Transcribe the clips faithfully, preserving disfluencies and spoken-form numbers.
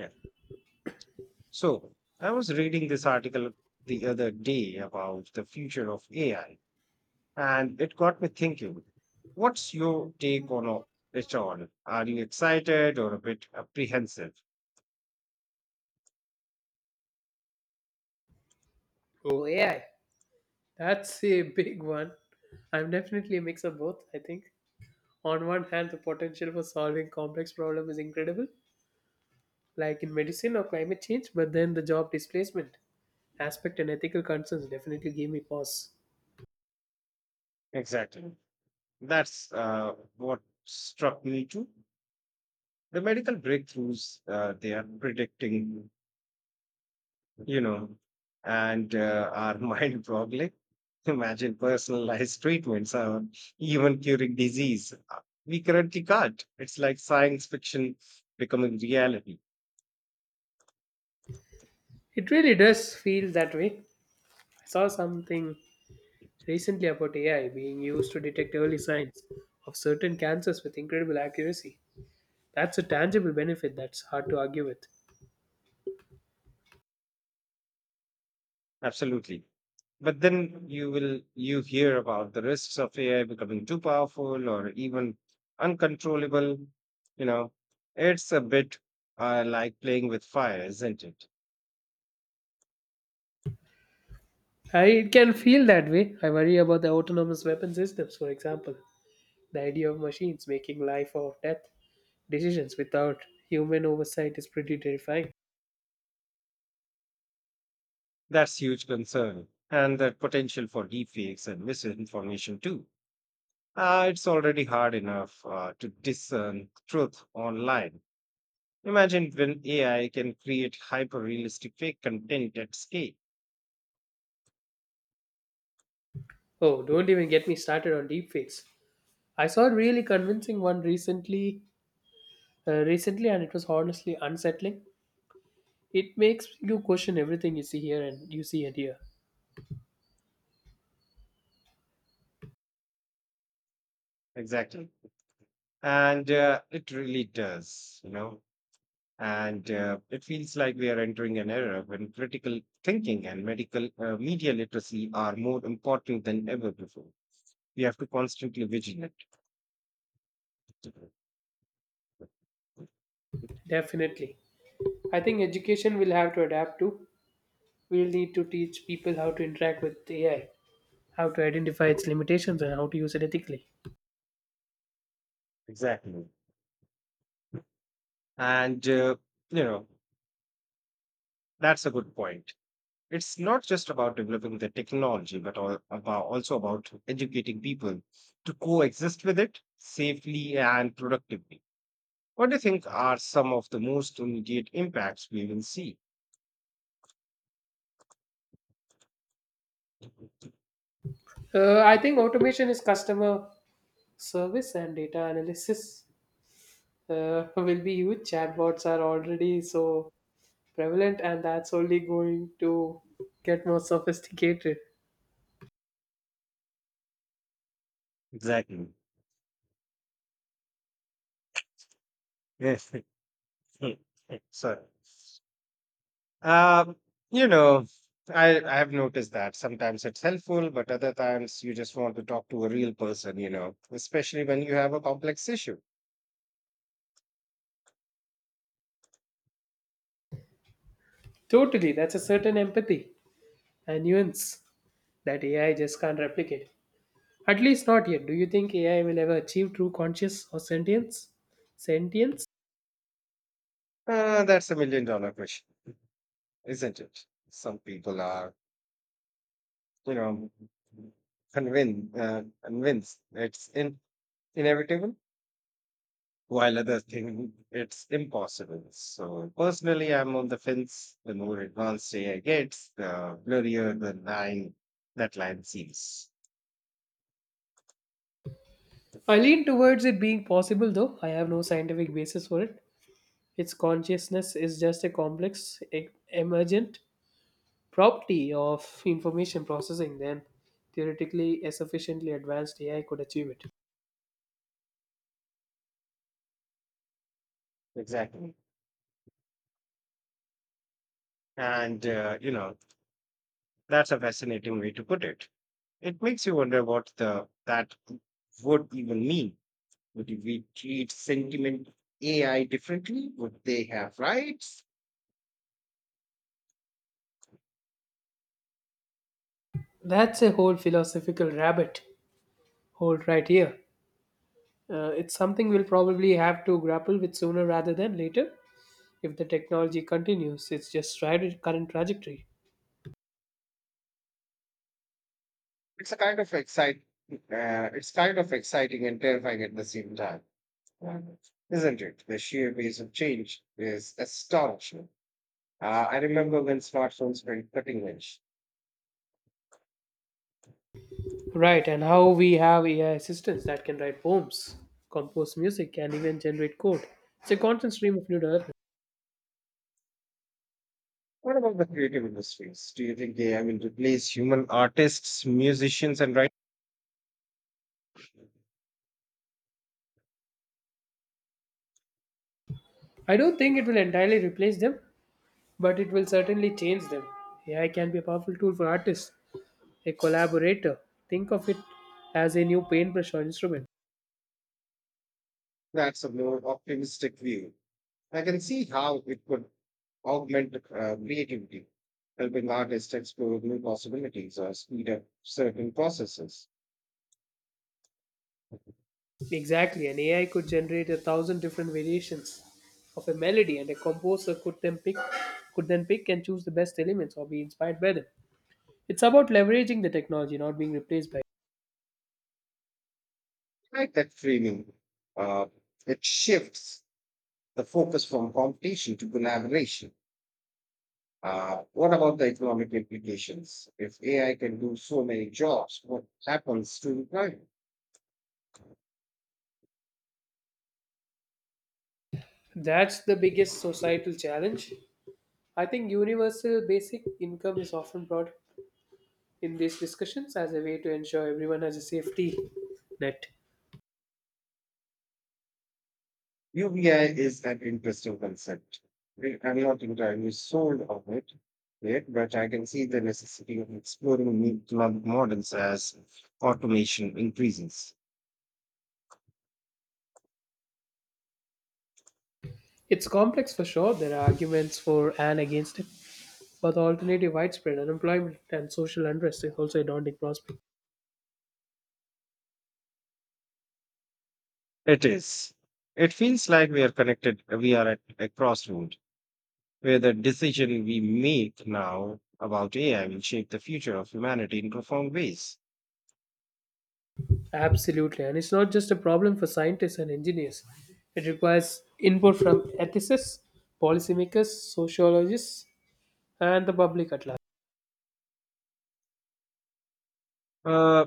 Yeah. So I was reading this article the other day about the future of A I, and it got me thinking. What's your take on all- it all? Are you excited or a bit apprehensive? Oh, A I. That's a big one. I'm definitely a mix of both, I think. On one hand, the potential for solving complex problems is incredible, like in medicine or climate change, but then the job displacement aspect and ethical concerns definitely gave me pause. Exactly. That's uh, what struck me too. The medical breakthroughs uh, they are predicting you know, and uh, our mind probably imagine personalized treatments or even curing disease. Uh, We currently can't. It's like science fiction becoming reality. It really does feel that way. I saw something recently about A I being used to detect early signs of certain cancers with incredible accuracy. That's a tangible benefit that's hard to argue with. Absolutely. But then you will you hear about the risks of A I becoming too powerful or even uncontrollable. You know, it's a bit uh, like playing with fire, isn't it? I it can feel that way. I worry about the autonomous weapon systems, for example. The idea of machines making life or death decisions without human oversight is pretty terrifying. That's huge concern. And the potential for deepfakes and misinformation too. Uh, it's already hard enough uh, to discern truth online. Imagine when A I can create hyper-realistic fake content at scale. Oh, don't even get me started on deepfakes. I saw a really convincing one recently, uh, recently, and it was honestly unsettling. It makes you question everything you see here and you see and hear. Exactly. And uh, it really does, you know. And uh, it feels like we are entering an era when critical thinking and medical uh, media literacy are more important than ever before. We have to constantly vigilant. Definitely, I think education will have to adapt to. We'll need to teach people how to interact with A I, how to identify its limitations, and how to use it ethically. Exactly. And, uh, you know, that's a good point. It's not just about developing the technology, but all, about, also about educating people to coexist with it safely and productively. What do you think are some of the most immediate impacts we will see? Uh, I think automation is customer service and data analysis uh, will be huge. Chatbots are already so prevalent, and that's only going to get more sophisticated. Exactly. Yes. Sorry. Um, you know, I I have noticed that sometimes it's helpful, but other times you just want to talk to a real person, you know, especially when you have a complex issue. Totally, that's a certain empathy and nuance that A I just can't replicate. At least not yet. Do you think A I will ever achieve true conscious or sentience? Sentience? Uh, that's a million dollar question, isn't it? Some people are, you know, convinced uh, convinced it's in, inevitable, while others think it's impossible. So personally, I'm on the fence. The more advanced A I gets, the blurrier the line that line seems. I lean towards it being possible, though I have no scientific basis for it. Its consciousness is just a complex, e- emergent property of information processing then theoretically a sufficiently advanced A I could achieve it. Exactly. And, uh, you know, that's a fascinating way to put it. It makes you wonder what the that would even mean. Would we treat sentiment A I differently? Would they have rights? That's a whole philosophical rabbit hole right here. Uh, it's something we'll probably have to grapple with sooner rather than later if the technology continues its just right current trajectory. It's a kind of excite. Uh, it's kind of exciting and terrifying at the same time, uh, isn't it? The sheer pace of change is astonishing. Uh, I remember when smartphones were cutting edge. Right, and how we have A I assistants that can write poems, compose music, and even generate code. It's a constant stream of new development. What about the creative industries? Do you think A I will replace human artists, musicians, and writers? I don't think it will entirely replace them, but it will certainly change them. A I can be a powerful tool for artists, a collaborator. Think of it as a new paintbrush or instrument. That's a more optimistic view. I can see how it could augment uh, creativity, helping artists explore new possibilities or speed up certain processes. Exactly, an A I could generate a thousand different variations of a melody, and a composer could then pick could then pick and choose the best elements or be inspired by them. It's about leveraging the technology, not being replaced by it. I like that framing. Uh, it shifts the focus from competition to collaboration. Uh, what about the economic implications? If A I can do so many jobs, what happens to employment? That's the biggest societal challenge. I think universal basic income is often brought in these discussions as a way to ensure everyone has a safety net. U B I is an interesting concept. I- I'm not entirely sold on it yet, but I can see the necessity of exploring new economic models as automation increases. It's complex for sure. There are arguments for and against it, but the alternative widespread unemployment and social unrest is also a daunting prospect. It is. It feels like we are connected, we are at a crossroad where the decision we make now about A I will shape the future of humanity in profound ways. Absolutely, and it's not just a problem for scientists and engineers. It requires input from ethicists, policymakers, sociologists, and the public at large. Uh,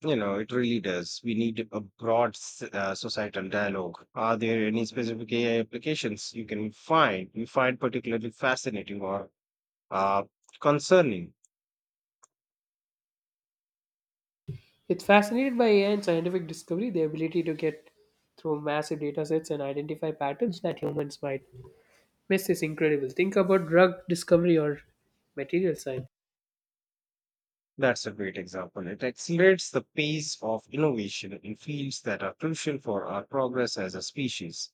You know, it really does. We need a broad s- uh, societal dialogue. Are there any specific A I applications you can find you find particularly fascinating or uh, concerning? It's fascinated by A I and scientific discovery, the ability to get through massive data sets and identify patterns that humans might miss is incredible. Think about drug discovery or material science. That's a great example. It accelerates the pace of innovation in fields that are crucial for our progress as a species.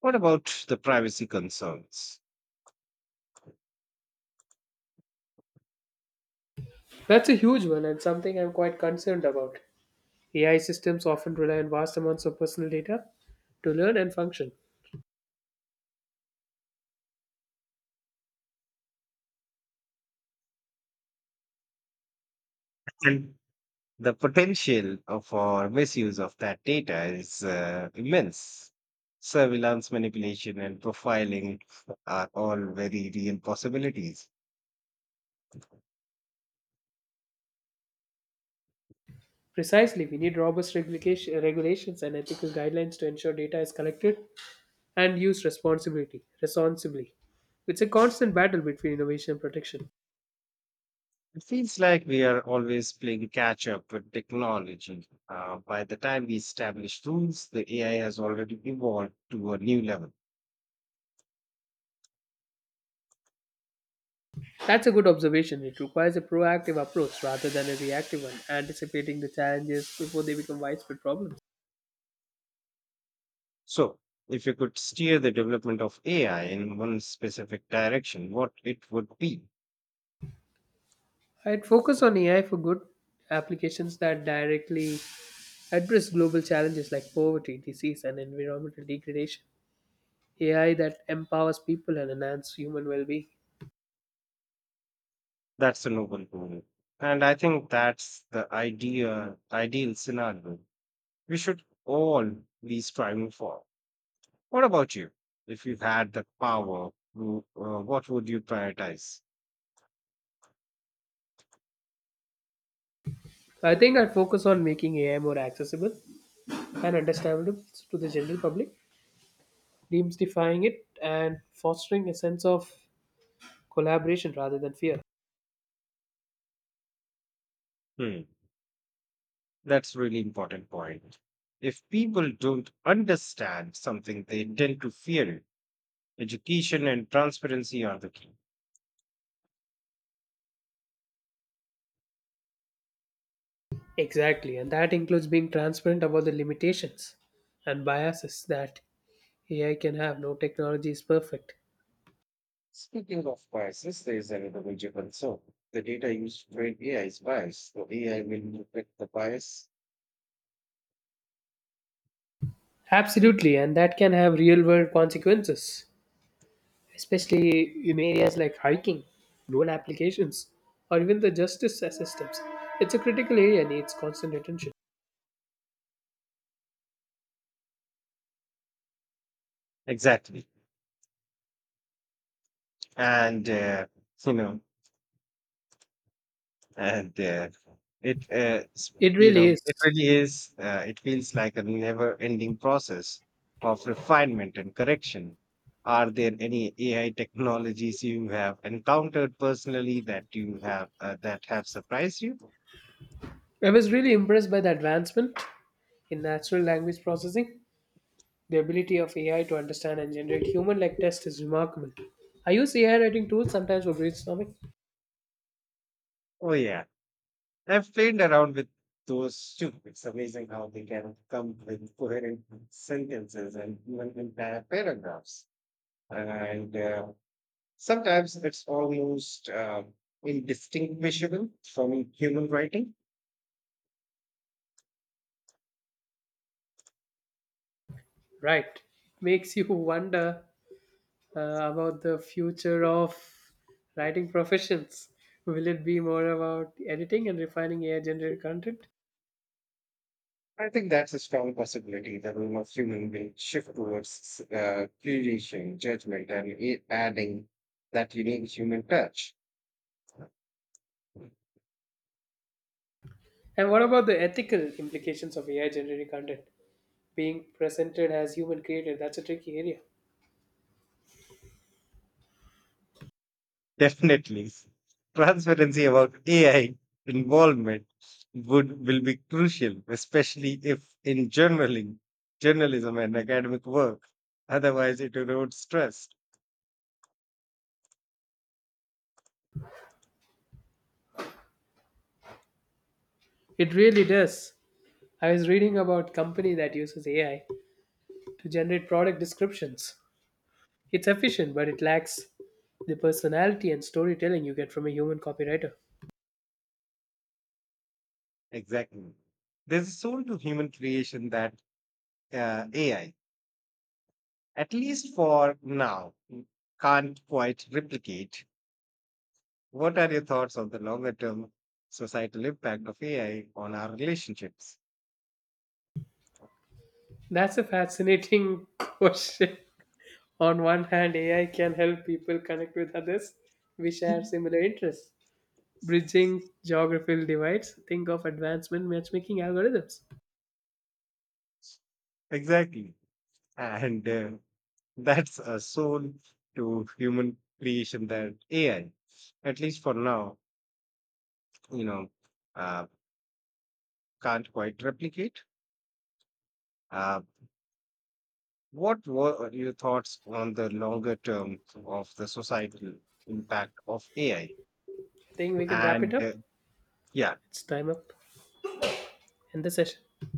What about the privacy concerns? That's a huge one and something I'm quite concerned about. A I systems often rely on vast amounts of personal data to learn and function. And. The potential of- for misuse of that data is uh, immense. Surveillance, manipulation, and profiling are all very real possibilities. Precisely, we need robust regulation, regulations and ethical guidelines to ensure data is collected and used responsibility, responsibly. It's a constant battle between innovation and protection. It feels like we are always playing catch up with technology. Uh, by the time we establish rules, the A I has already evolved to a new level. That's a good observation. It requires a proactive approach rather than a reactive one, anticipating the challenges before they become widespread problems. So, if you could steer the development of A I in one specific direction, what it would be? I'd focus on A I for good applications that directly address global challenges like poverty, disease, and environmental degradation. A I that empowers people and enhances human well being. That's a noble goal. And I think that's the idea, ideal scenario we should all be striving for. What about you? If you had the power, who- uh, what would you prioritize? I think I focus on making A I more accessible and understandable to the general public, demystifying it and fostering a sense of collaboration rather than fear. Hmm. That's really important point. If people don't understand something, they tend to fear it. Education and transparency are the key. Exactly, and that includes being transparent about the limitations and biases that A I can have. No technology is perfect. Speaking of biases, there is another major concern. The data used to train A I is biased, so A I will reflect the bias. Absolutely, and that can have real world consequences, especially in areas like hiking, drone applications, or even the justice systems. It's a critical area and needs constant attention. Exactly. And, uh, you know, and uh, it uh, s- It you really know it is. really is, uh, it feels like a never ending process of refinement and correction. Are there any AI technologies you have encountered personally that you have uh, that have surprised you? I was really impressed by the advancement in natural language processing. The ability of A I to understand and generate human like text is remarkable. I use A I writing tools sometimes for brainstorming. Oh, yeah. I've played around with those too. It's amazing how they can come with coherent sentences and even entire paragraphs. And uh, sometimes it's almost um, indistinguishable from human writing. Right. It makes you wonder uh, about the future of writing professions. Will it be more about editing and refining A I generated content? I think that's a strong possibility. The role of human will shift towards uh, curation, judgment, and i- adding that unique human touch. And what about the ethical implications of A I generated content being presented as human created? That's a tricky area. Definitely. Transparency about A I involvement would will be crucial, especially if in journaling, journalism and academic work. Otherwise, it erodes trust. It really does. I was reading about company that uses A I to generate product descriptions. It's efficient, but it lacks the personality and storytelling you get from a human copywriter. Exactly. There's a soul to human creation that uh, A I, at least for now, can't quite replicate. What are your thoughts on the longer term societal impact of A I on our relationships? That's a fascinating question. On one hand, A I can help people connect with others we share similar interests, bridging geographical divides. Think of advancement matchmaking algorithms Exactly. And uh, that's a soul to human creation that A I, at least for now, you know, uh, can't quite replicate. Uh, what were your thoughts on the longer term of the societal impact of A I? think we can wrap it And up. uh, yeah, It's time up. In the session.